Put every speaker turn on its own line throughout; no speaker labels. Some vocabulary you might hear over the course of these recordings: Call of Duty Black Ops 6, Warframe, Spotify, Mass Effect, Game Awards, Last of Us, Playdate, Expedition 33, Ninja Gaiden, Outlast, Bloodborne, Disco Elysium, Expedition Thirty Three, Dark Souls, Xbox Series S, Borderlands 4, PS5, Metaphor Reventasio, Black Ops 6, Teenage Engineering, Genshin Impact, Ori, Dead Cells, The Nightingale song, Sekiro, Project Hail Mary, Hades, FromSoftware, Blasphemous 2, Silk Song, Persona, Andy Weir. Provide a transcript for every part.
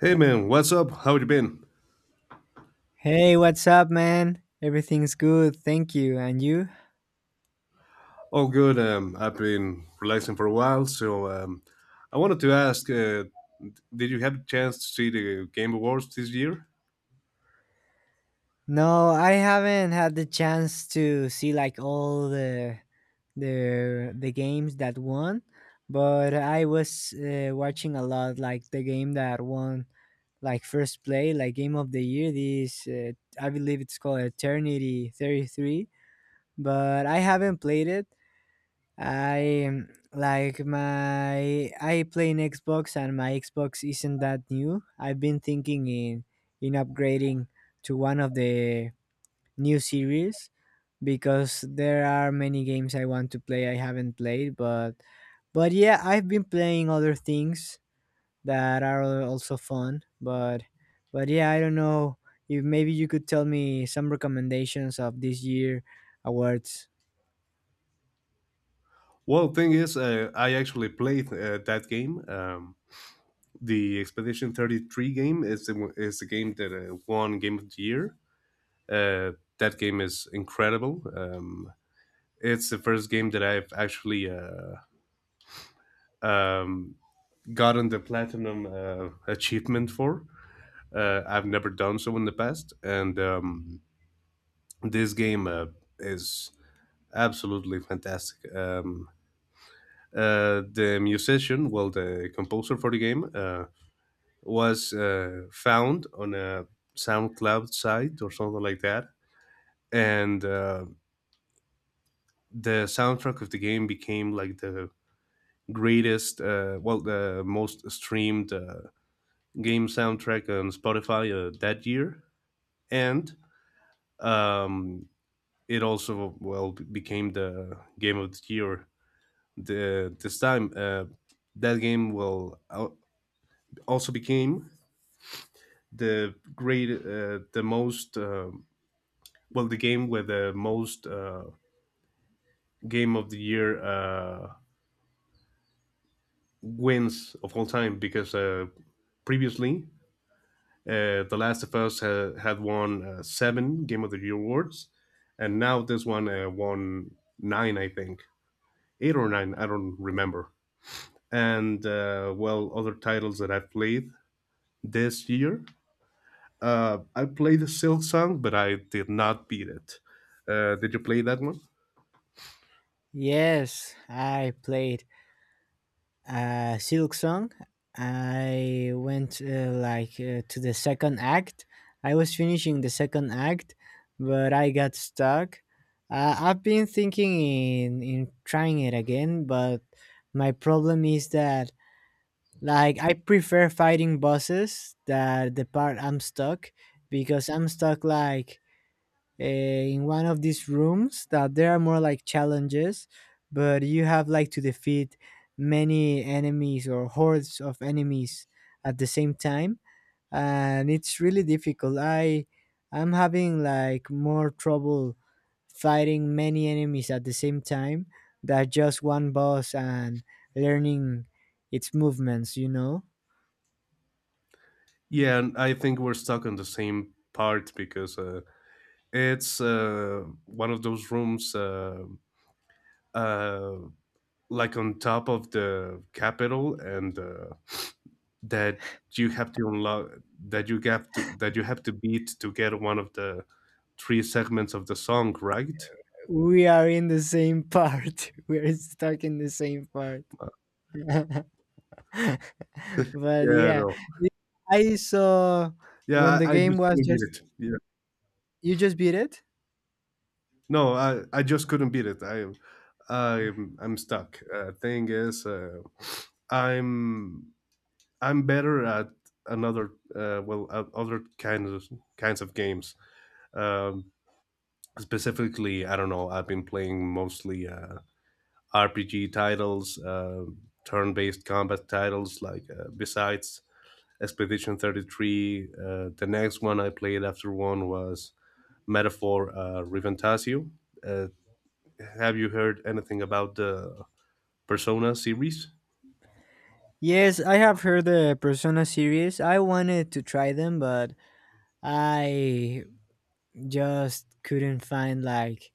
Hey man, what's up? How you been?
Hey, what's up, man? Everything's good, thank you. And you?
All good. I've been relaxing for a while, so I wanted to ask, did you have a chance to see the Game Awards this year?
No, I haven't had the chance to see like all the the games that won, but I was watching a lot like the game that won like first play, like game of the year. This I believe it's called Eternity 33, but I haven't played it. I like my I play in Xbox and my Xbox isn't that new. I've been thinking in upgrading to one of the new series because there are many games I want to play I haven't played, but yeah, I've been playing other things that are also fun, but yeah, I don't know if maybe you could tell me some recommendations of this year awards.
Well, thing is, I actually played that game. The Expedition 33 game is the game that won Game of the Year. That game is incredible. It's the first game that I've actually um, gotten the platinum achievement for. I've never done so in the past, and this game is absolutely fantastic. The musician, well, the composer for the game, was found on a SoundCloud site or something like that, and the soundtrack of the game became like the greatest, well, the most streamed game soundtrack on Spotify that year, and um, it also, became the game of the year the this time. That game also became the most, well, the game with the most game of the year wins of all time, because previously the Last of Us had won 7 game of the year awards, and now this one won 9, I think, 8 or 9, I don't remember. And well, other titles that I've played this year. I played the Silk Song, but I did not beat it. Did you play that one?
Yes, I played Silk Song. I went to the second act. I was finishing the second act, but I got stuck. I've been thinking in trying it again, but my problem is that like I prefer fighting bosses that the part I'm stuck because I'm stuck like in one of these rooms that there are more like challenges, but you have like to defeat many enemies or hordes of enemies at the same time, and it's really difficult. I'm having like more trouble fighting many enemies at the same time than just one boss and learning its movements, you know?
Yeah, and I think we're stuck on the same part because it's one of those rooms, uh, like on top of the capital, and that you have to unlock, that you have to beat to get one of the three segments of the song, right?
We are in the same part. We're stuck in the same part.
Uh,
But
yeah,
yeah,
no.
the- I saw when
Yeah,
the
I
game
just
was
couldn't beat
just
it. Yeah,
you just beat it.
no, I just couldn't beat it. I'm stuck. Thing is, I'm, I'm better at another, well, at other kinds of games. Um, Specifically, I don't know. I've been playing mostly RPG titles, turn-based combat titles, like, besides Expedition 33. The next one I played after one was Metaphor, Reventasio. Uh, have you heard anything about the Persona series?
Yes, I have heard the Persona series. I wanted to try them, but I just couldn't find like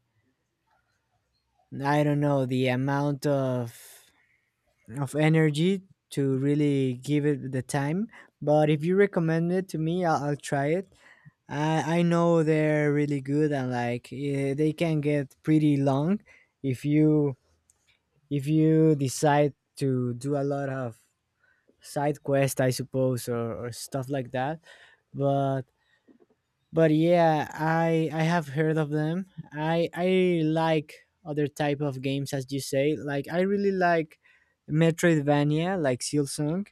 I don't know the amount of energy to really give it the time. But if you recommend it to me, I'll try it. I know they're really good and like they can get pretty long if you if you decide to do a lot of side quest, I suppose, or stuff like that, but but yeah, I have heard of them. I like other type of games, as you say. Like I really like metroidvania, like Silsong.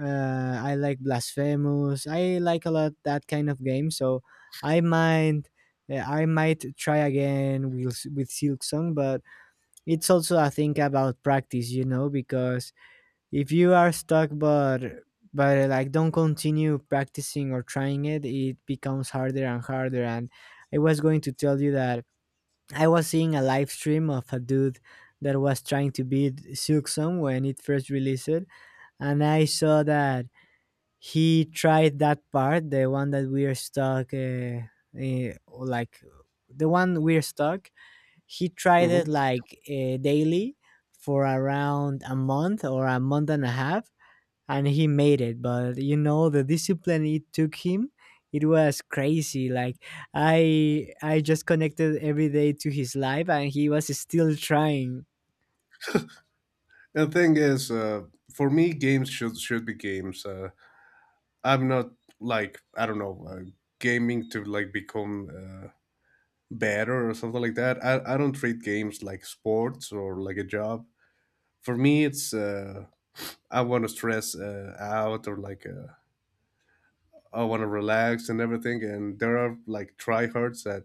I like blasphemous, I like a lot that kind of game, so I might yeah, I might try again with Silksong, but it's also I think about practice, you know, because if you are stuck but like don't continue practicing or trying it, it becomes harder and harder. And I was going to tell you that I was seeing a live stream of a dude that was trying to beat Silksong when it first released it, and I saw that he tried that part, the one that we're stuck uh, like the one we're stuck, he tried
Hmm.
it like daily for around a month or a month and a half, and he made it. But you know the discipline it took him, it was crazy. Like I just connected every day to his life and he was still trying.
And the thing is, for me, games should be games. I'm not, like, I don't know, gaming to like become better or something like that. I don't treat games like sports or like a job. For me, it's, I want to stress out, or like, I want to relax and everything. And there are like tryhards that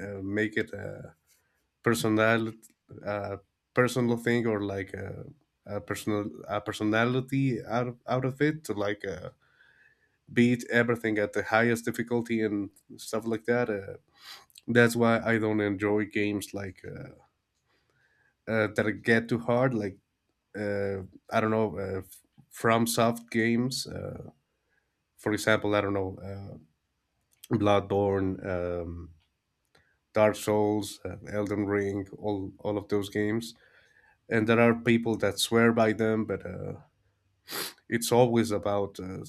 make it personal, uh, personal thing, or like a personal, a personality out of it, to like beat everything at the highest difficulty and stuff like that. That's why I don't enjoy games like, that get too hard. Like, uh, I don't know, from soft games. For example, I don't know, Bloodborne. Dark Souls, Elden Ring, all of those games, and there are people that swear by them, but it's always about,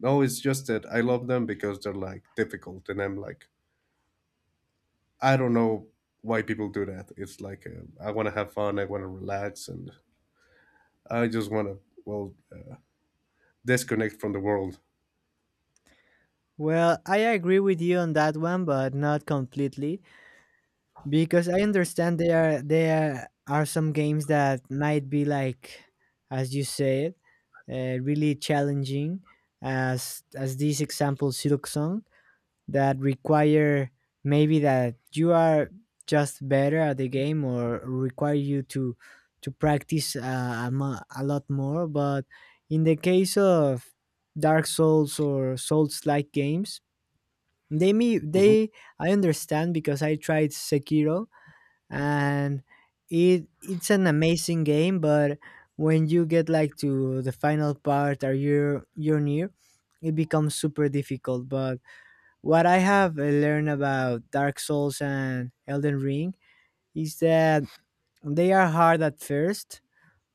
no, it's just that I love them because they're like difficult, and I'm like, I don't know why people do that. It's like, I want to have fun, I want to relax, and I just want to, well, disconnect from the world.
Well, I agree with you on that one, but not completely, because I understand there are some games that might be like, as you said, really challenging, as this example silk, that require maybe that you are just better at the game or require you to practice a lot more. But in the case of dark souls or souls like games,
Hmm.
they I understand, because I tried sekiro, and it it's an amazing game, but when you get like to the final part or you're near, it becomes super difficult. But what I have learned about Dark Souls and Elden Ring is that they are hard at first,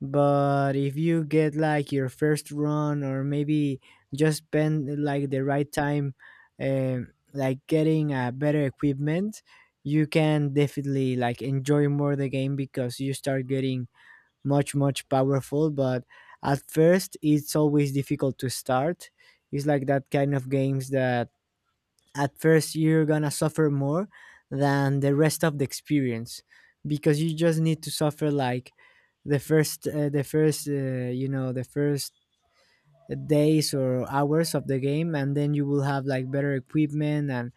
but if you get like your first run, or maybe just spend like the right time, like getting a better equipment, you can definitely like enjoy more the game because you start getting much powerful. But at first, it's always difficult to start. It's like that kind of games that at first you're gonna suffer more than the rest of the experience because you just need to suffer like the first you know the first days or hours of the game, and then you will have like better equipment. and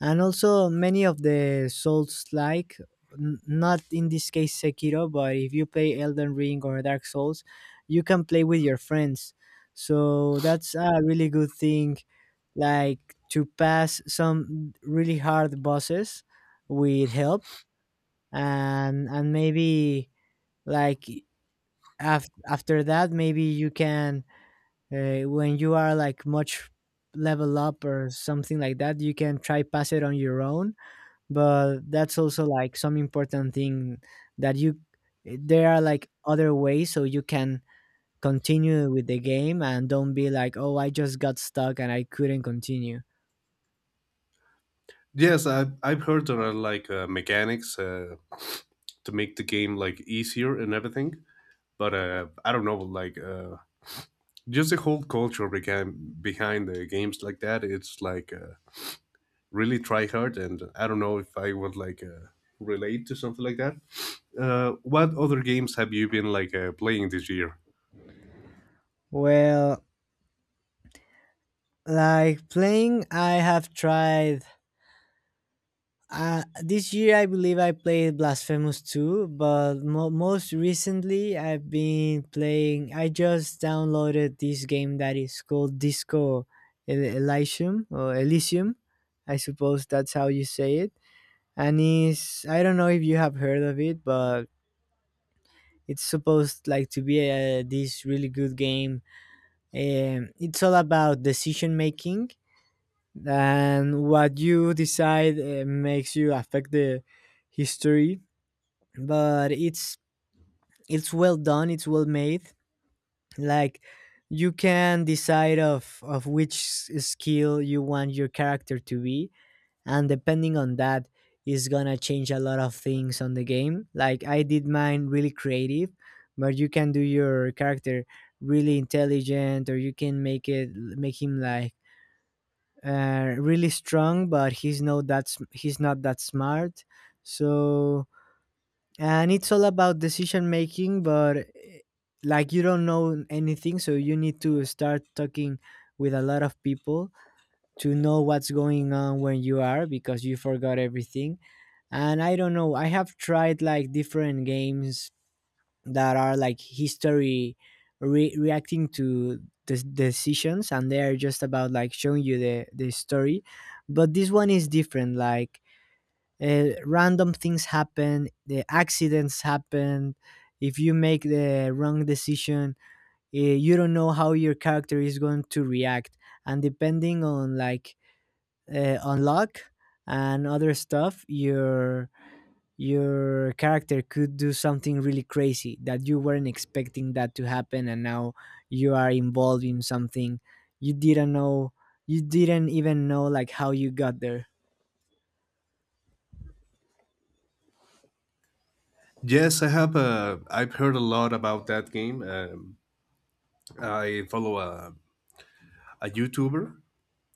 and also many of the souls like, not in this case Sekiro, but if you play Elden Ring or Dark Souls, you can play with your friends, so that's a really good thing, like to pass some really hard bosses with help. And maybe like, after that maybe you can when you are like much level up or something like that, you can try pass it on your own. But that's also like some important thing, that you there are like other ways so you can continue with the game and don't be like, oh, I just got stuck and I couldn't continue.
Yes, I've heard there are like mechanics to make the game like easier and everything, but I don't know, like, just the whole culture behind the games like that. It's like really try hard, and I don't know if I would like relate to something like that. What other games have you been like playing this year?
Well, like playing, I have tried this year, I believe I played Blasphemous 2, but most recently, I've been playing. I just downloaded this game that is called Disco Elysium or Elysium. I suppose that's how you say it. And is I don't know if you have heard of it, but it's supposed like to be a, this really good game. It's all about decision making, and what you decide makes you affect the history. But it's well done, it's well made. Like, you can decide of which skill you want your character to be, and depending on that is gonna change a lot of things on the game. Like I did mine really creative, but you can do your character really intelligent, or you can make it make him like really strong, but he's not that smart. So and it's all about decision making, but like you don't know anything, so you need to start talking with a lot of people to know what's going on when you are, because you forgot everything. And I don't know, I have tried like different games that are like history reacting to the decisions, and they are just about like showing you the story. But this one is different. Like, random things happen, the accidents happen. If you make the wrong decision, you don't know how your character is going to react, and depending on like on luck and other stuff, your character could do something really crazy that you weren't expecting that to happen, and now you are involved in something you didn't know, you didn't even know like how you got there.
Yes, I have. Uh, I've heard a lot about that game. I follow a YouTuber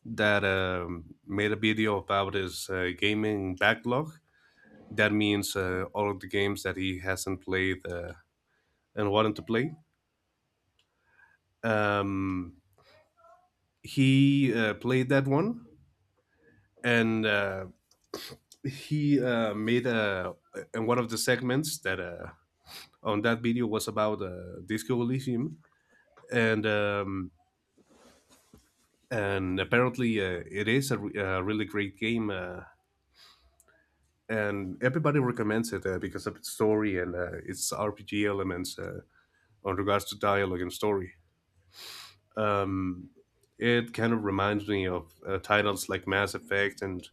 that made a video about his gaming backlog, that means all of the games that he hasn't played and wanted to play. um, he played that one, and he made a, in one of the segments that on that video was about Disco Elysium, and apparently it is a really great game, and everybody recommends it because of its story and its RPG elements on regards to dialogue and story. Um, it kind of reminds me of titles like Mass Effect and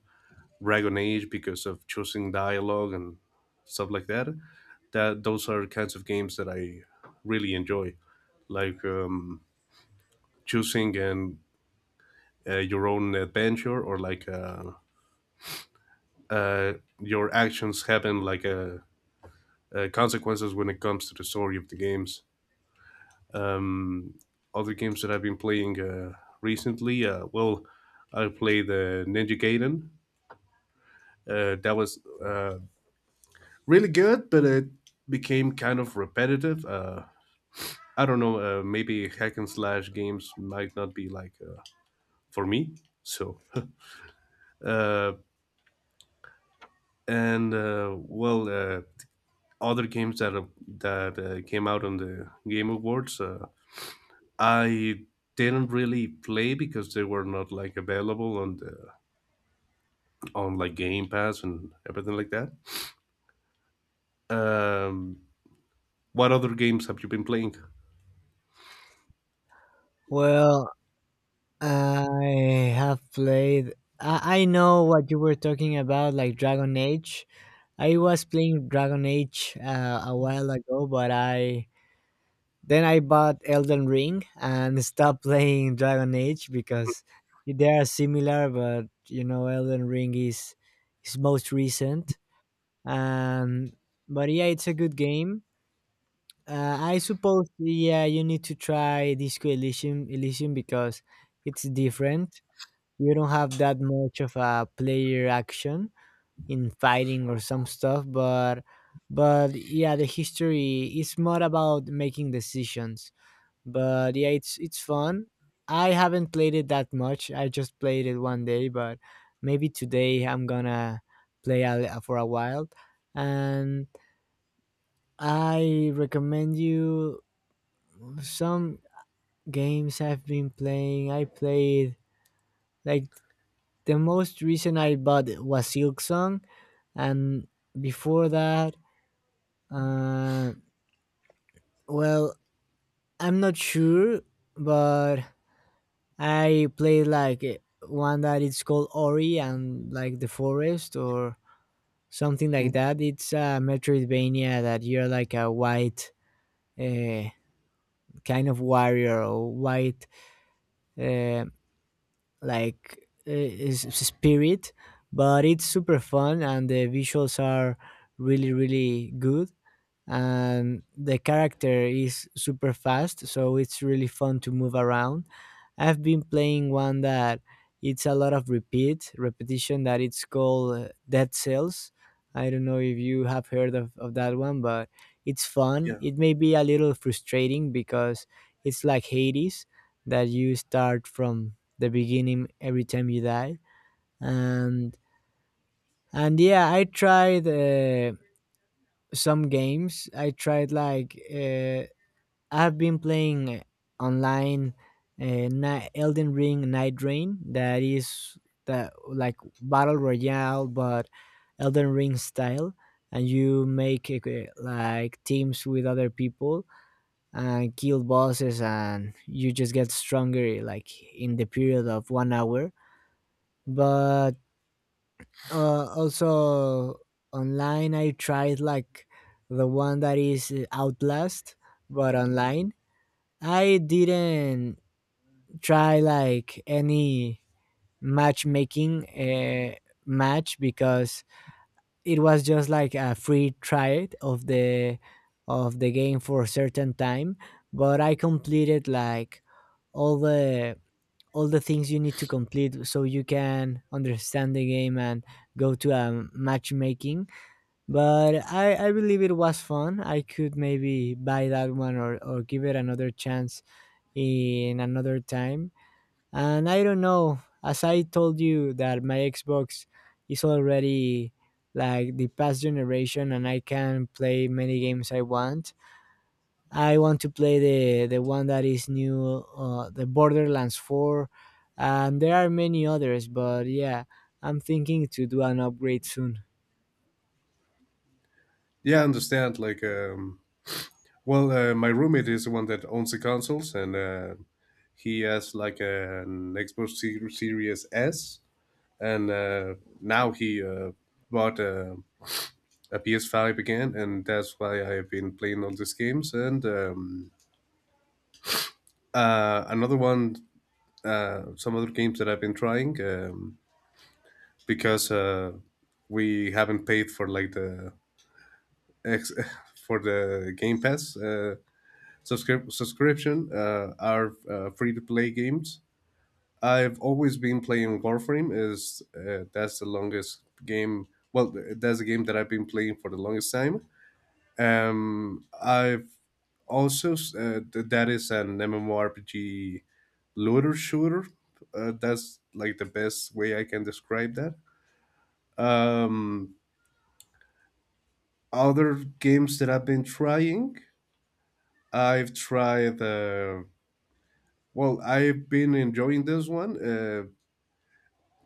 Dragon Age because of choosing dialogue and stuff like that. Those are kinds of games that I really enjoy, like, choosing, and your own adventure, or like, uh, your actions having like consequences when it comes to the story of the games. Um, Other games that I've been playing recently, well, I played Ninja Gaiden. That was uh, really good, but it became kind of repetitive. I don't know. Maybe hack and slash games might not be like for me. So, uh, and well, other games that came out on the Game Awards, I didn't really play because they were not like available on the, on like Game Pass and everything like that. Um, what other games have you been playing?
Well, I have played. I know what you were talking about, like Dragon Age. I was playing Dragon Age a while ago, but I then I bought Elden Ring and stopped playing Dragon Age because they are similar, but you know Elden Ring is most recent. Um, but yeah, it's a good game. I suppose yeah, you need to try Disco Elysium, Elysium, because it's different. You don't have that much of a player action in fighting or some stuff, but yeah, the history is more about making decisions. But yeah, it's fun. I haven't played it that much, I just played it one day, but maybe today I'm gonna play for a while. And I recommend you some games I've been playing. I played like the most recent I bought was silk song, and before that uh, well I'm not sure, but I played like one that it's called ori and like the forest or something like
Mm,
that. It's a metroidvania that you're like a white uh, kind of warrior or white uh, spirit. But it's super fun and the visuals are really really good, and the character is super fast, so it's really fun to move around. I've been playing one that it's a lot of repeat repetition, that it's called dead cells. I don't know if you have heard of that one, but it's fun.
yeah,
It may be a little frustrating because it's like hades, that you start from the beginning every time you die. and and yeah, I tried some games I tried like I've been playing online Elden Ring Night Rain, that is the like battle royale, but Elden Ring style, and you make like teams with other people and kill bosses, and you just get stronger like in the period of 1 hour. But also online, I tried like the one that is Outlast, but online I didn't try like any matchmaking match, because it was just like a free trial of the game for a certain time. But I completed like all the all the things you need to complete so You can understand the game and go to a matchmaking, but I believe it was fun. I could maybe buy that one or give it another chance in another time. And I don't know, as I told you, that my Xbox is already like the past generation and I can play many games I want. I want to play the one that is new, the Borderlands 4, and there are many others, but yeah, I'm thinking to do an upgrade soon.
yeah, I understand. Like, well, my roommate is the one that owns the consoles, and he has like an Xbox Series S, and now he bought PS5 again, and that's why I have been playing all these games. And another one, some other games that I've been trying, because we haven't paid for like the ex- for the Game Pass subscription, are free to play games. I've always been playing Warframe. Is That's the longest game? Well, that's a game that I've been playing for the longest time. I've also, that is an MMORPG looter shooter. That's like the best way I can describe that. Um, Other games that I've been trying, I've tried. Well, I've been enjoying this one.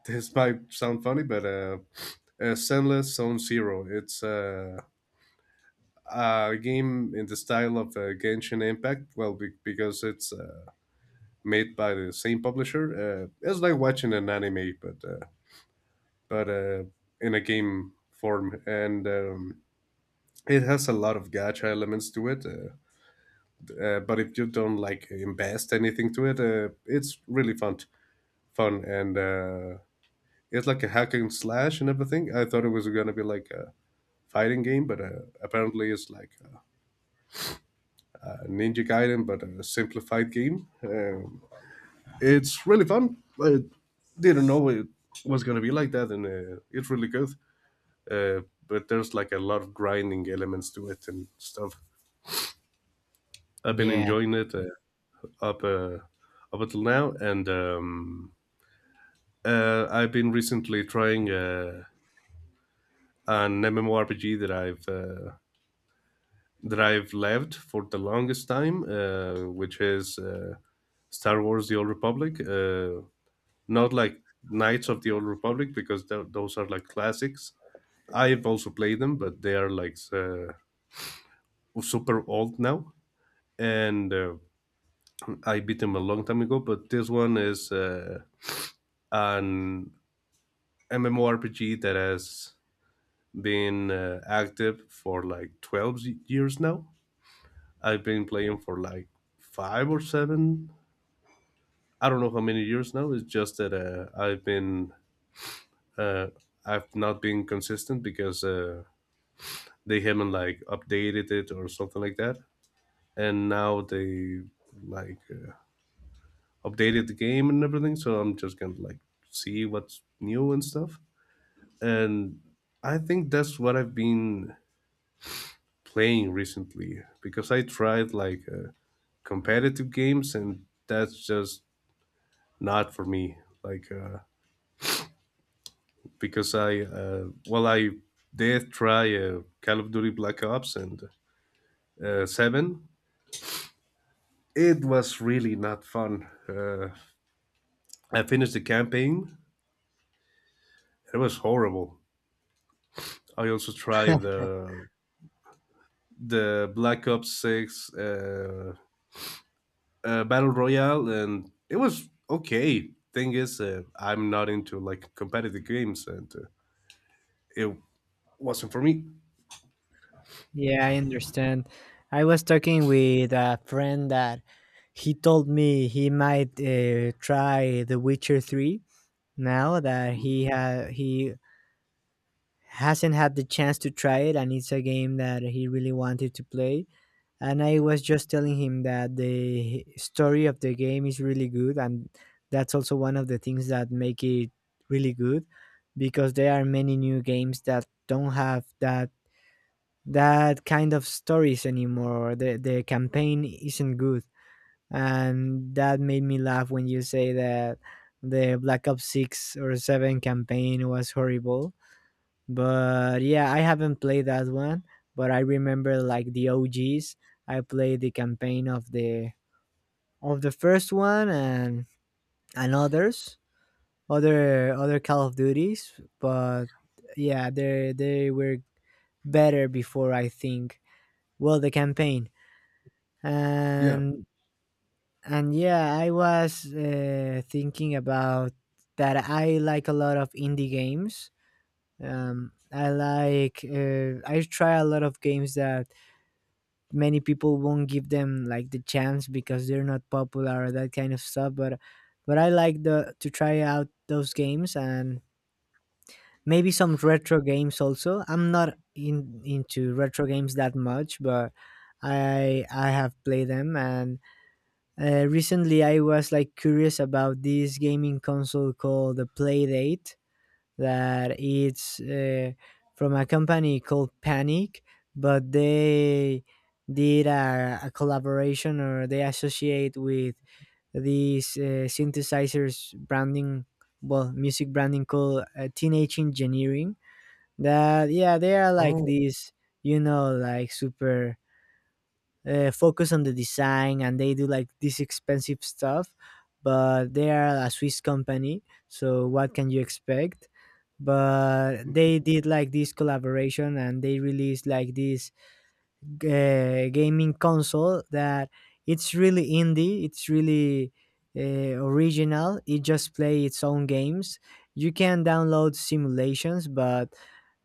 This might sound funny, but Zenless Zone Zero. It's a game in the style of Genshin Impact. Well, because it's made by the same publisher. It's like watching an anime, but, but uh, in a game form, and it has a lot of gacha elements to it. But if you don't like invest anything to it, it's really fun, and it's like a hack and slash and everything. I thought it was gonna be like a fighting game, but apparently it's like a Ninja Gaiden, but a simplified game. It's really fun. I didn't know it was going to be like that, and it's really good. Uh, but there's like a lot of grinding elements to it and stuff. I've been
Yeah.
enjoying it, up uh, up until now, and I've been recently trying an MMORPG that I've loved for the longest time, which is... Star Wars: The Old Republic. Not like Knights of the Old Republic, because those are like classics. I've also played them, but they are like super old now, and I beat them a long time ago. But this one is an MMORPG that has been active for like 12 years now. I've been playing for like 5 or 7. I don't know how many years now. It's just that uh, I've not been consistent because they haven't like updated it or something like that. And now they, like, updated the game and everything, so I'm just gonna like see what's new and stuff. And I think that's what I've been playing recently, because I tried like competitive games and that's just not for me. Like, because I well, I did try Call of Duty Black Ops and 7. It was really not fun. I finished the campaign. It was horrible. I also tried the Black Ops 6, Battle Royale, and it was okay. Thing is, I'm not into like competitive games, and it wasn't for me.
Yeah, I understand. I was talking with a friend that he told me he might try The Witcher 3 now that he hasn't had the chance to try it, and it's a game that he really wanted to play. And I was just telling him that the story of the game is really good, and that's also one of the things that make it really good, because there are many new games that don't have that kind of stories anymore. The campaign isn't good, and that made me laugh when you say that the Black Ops 6 or 7 campaign was horrible. But yeah, I haven't played that one, but I remember like the OGs. I played the campaign of the first one, and others, other Call of Duties. But yeah, they were better before, I think. Well, the campaign
Yeah.
and. And yeah, I was thinking about that. I like a lot of indie games. I like I try a lot of games that many people won't give them like the chance because they're not popular or that kind of stuff. But I like the to try out those games, and maybe some retro games also. I'm not in into retro games that much, but I have played them. And recently, I was like curious about this gaming console called the Playdate. That it's from a company called Panic, but they did a collaboration, or they associate with these synthesizers branding, well, music branding called Teenage Engineering. That yeah, they are like
Oh.
these, you know, like super focus on the design, and they do like this expensive stuff, but they are a swiss company, so what can you expect. But they did like this collaboration, and they released like this gaming console that it's really indie, it's really uh, original. It just play its own games, you can download simulations,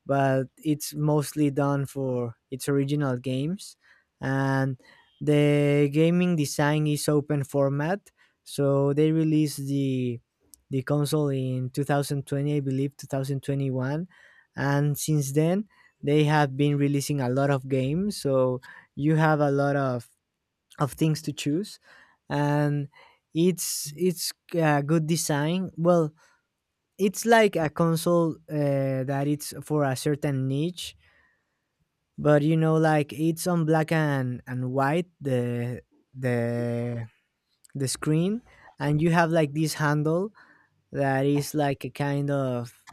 but it's mostly done for its original games. And the gaming design is open format, so they released the console in 2020, I believe 2021, and since then they have been releasing a lot of games. So you have a lot of things to choose, and it's good design. Well, it's like a console that it's for a certain niche, but you know, like it's on black and white the the screen. And you have like this handle that is like a kind of,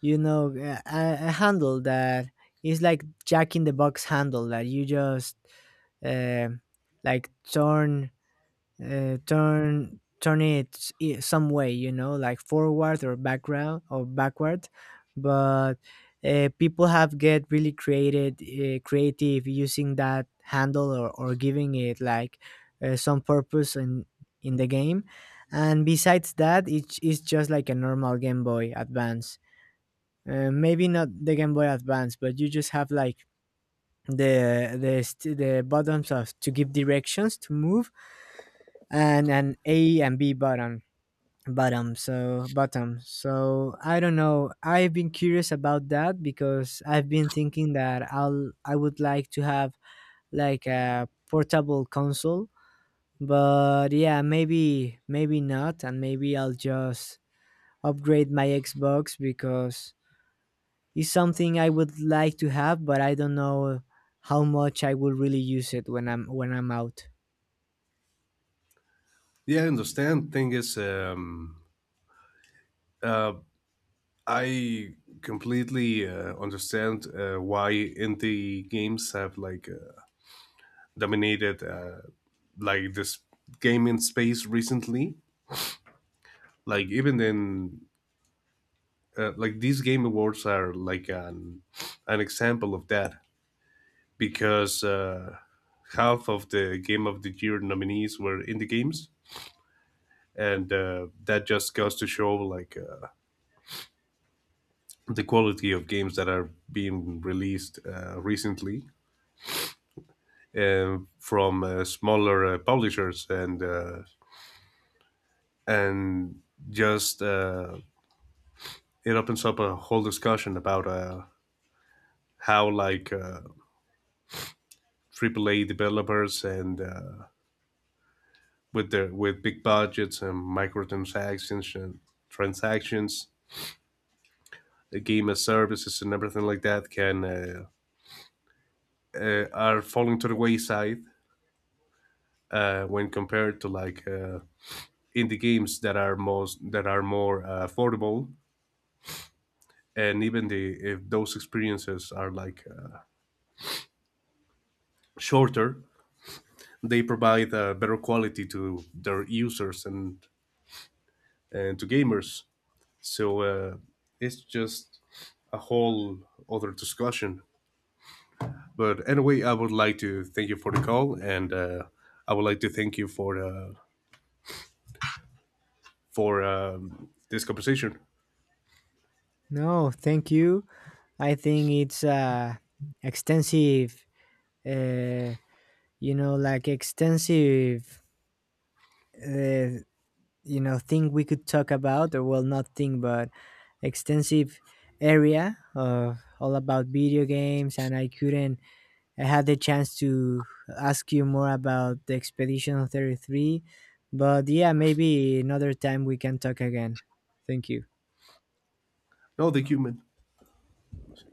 you know, a handle that is like jack in the box handle, that you just uh, like turn, some way, you know, like forward or background or backward. But people have get really created creative using that handle, or giving it like some purpose in the game. And besides that, it is just like a normal game boy advance. Uh, maybe not the game boy advance, but you just have like the buttons of to give directions to move, and an A and B button bottom, so bottom. So I don't know, I've been curious about that because I've been thinking that I would like to have like a portable console. But yeah, maybe not, and maybe I'll just upgrade my xbox, because it's something I would like to have, but I don't know how much I will really use it when I'm out.
Yeah, I understand. Thing is, uh, I completely understand why indie games have like dominated, like, this game in space recently. Like, even then, like, these game awards are like an example of that, because half of the game of the year nominees were indie games, and that just goes to show like the quality of games that are being released recently from smaller publishers, and just it opens up a whole discussion about how, like, AAA developers, and with their, with big budgets and microtransactions transactions, game as services and everything like that, can are falling to the wayside when compared to, like, indie games that are more affordable. And even the if those experiences are like, shorter, they provide a better quality to their users, and to gamers. So it's just a whole other discussion. But anyway, I would like to thank you for the call, and I would like to thank you for, this conversation.
No, thank you. I think it's extensive, uh, you know, like extensive, uh, you know, thing we could talk about, or well, not thing, but extensive area of all about video games. And I couldn't, I had the chance to ask you more about the Expedition 33. But yeah, maybe another time we can talk again. Thank you.
No, thank you, man. Let me see.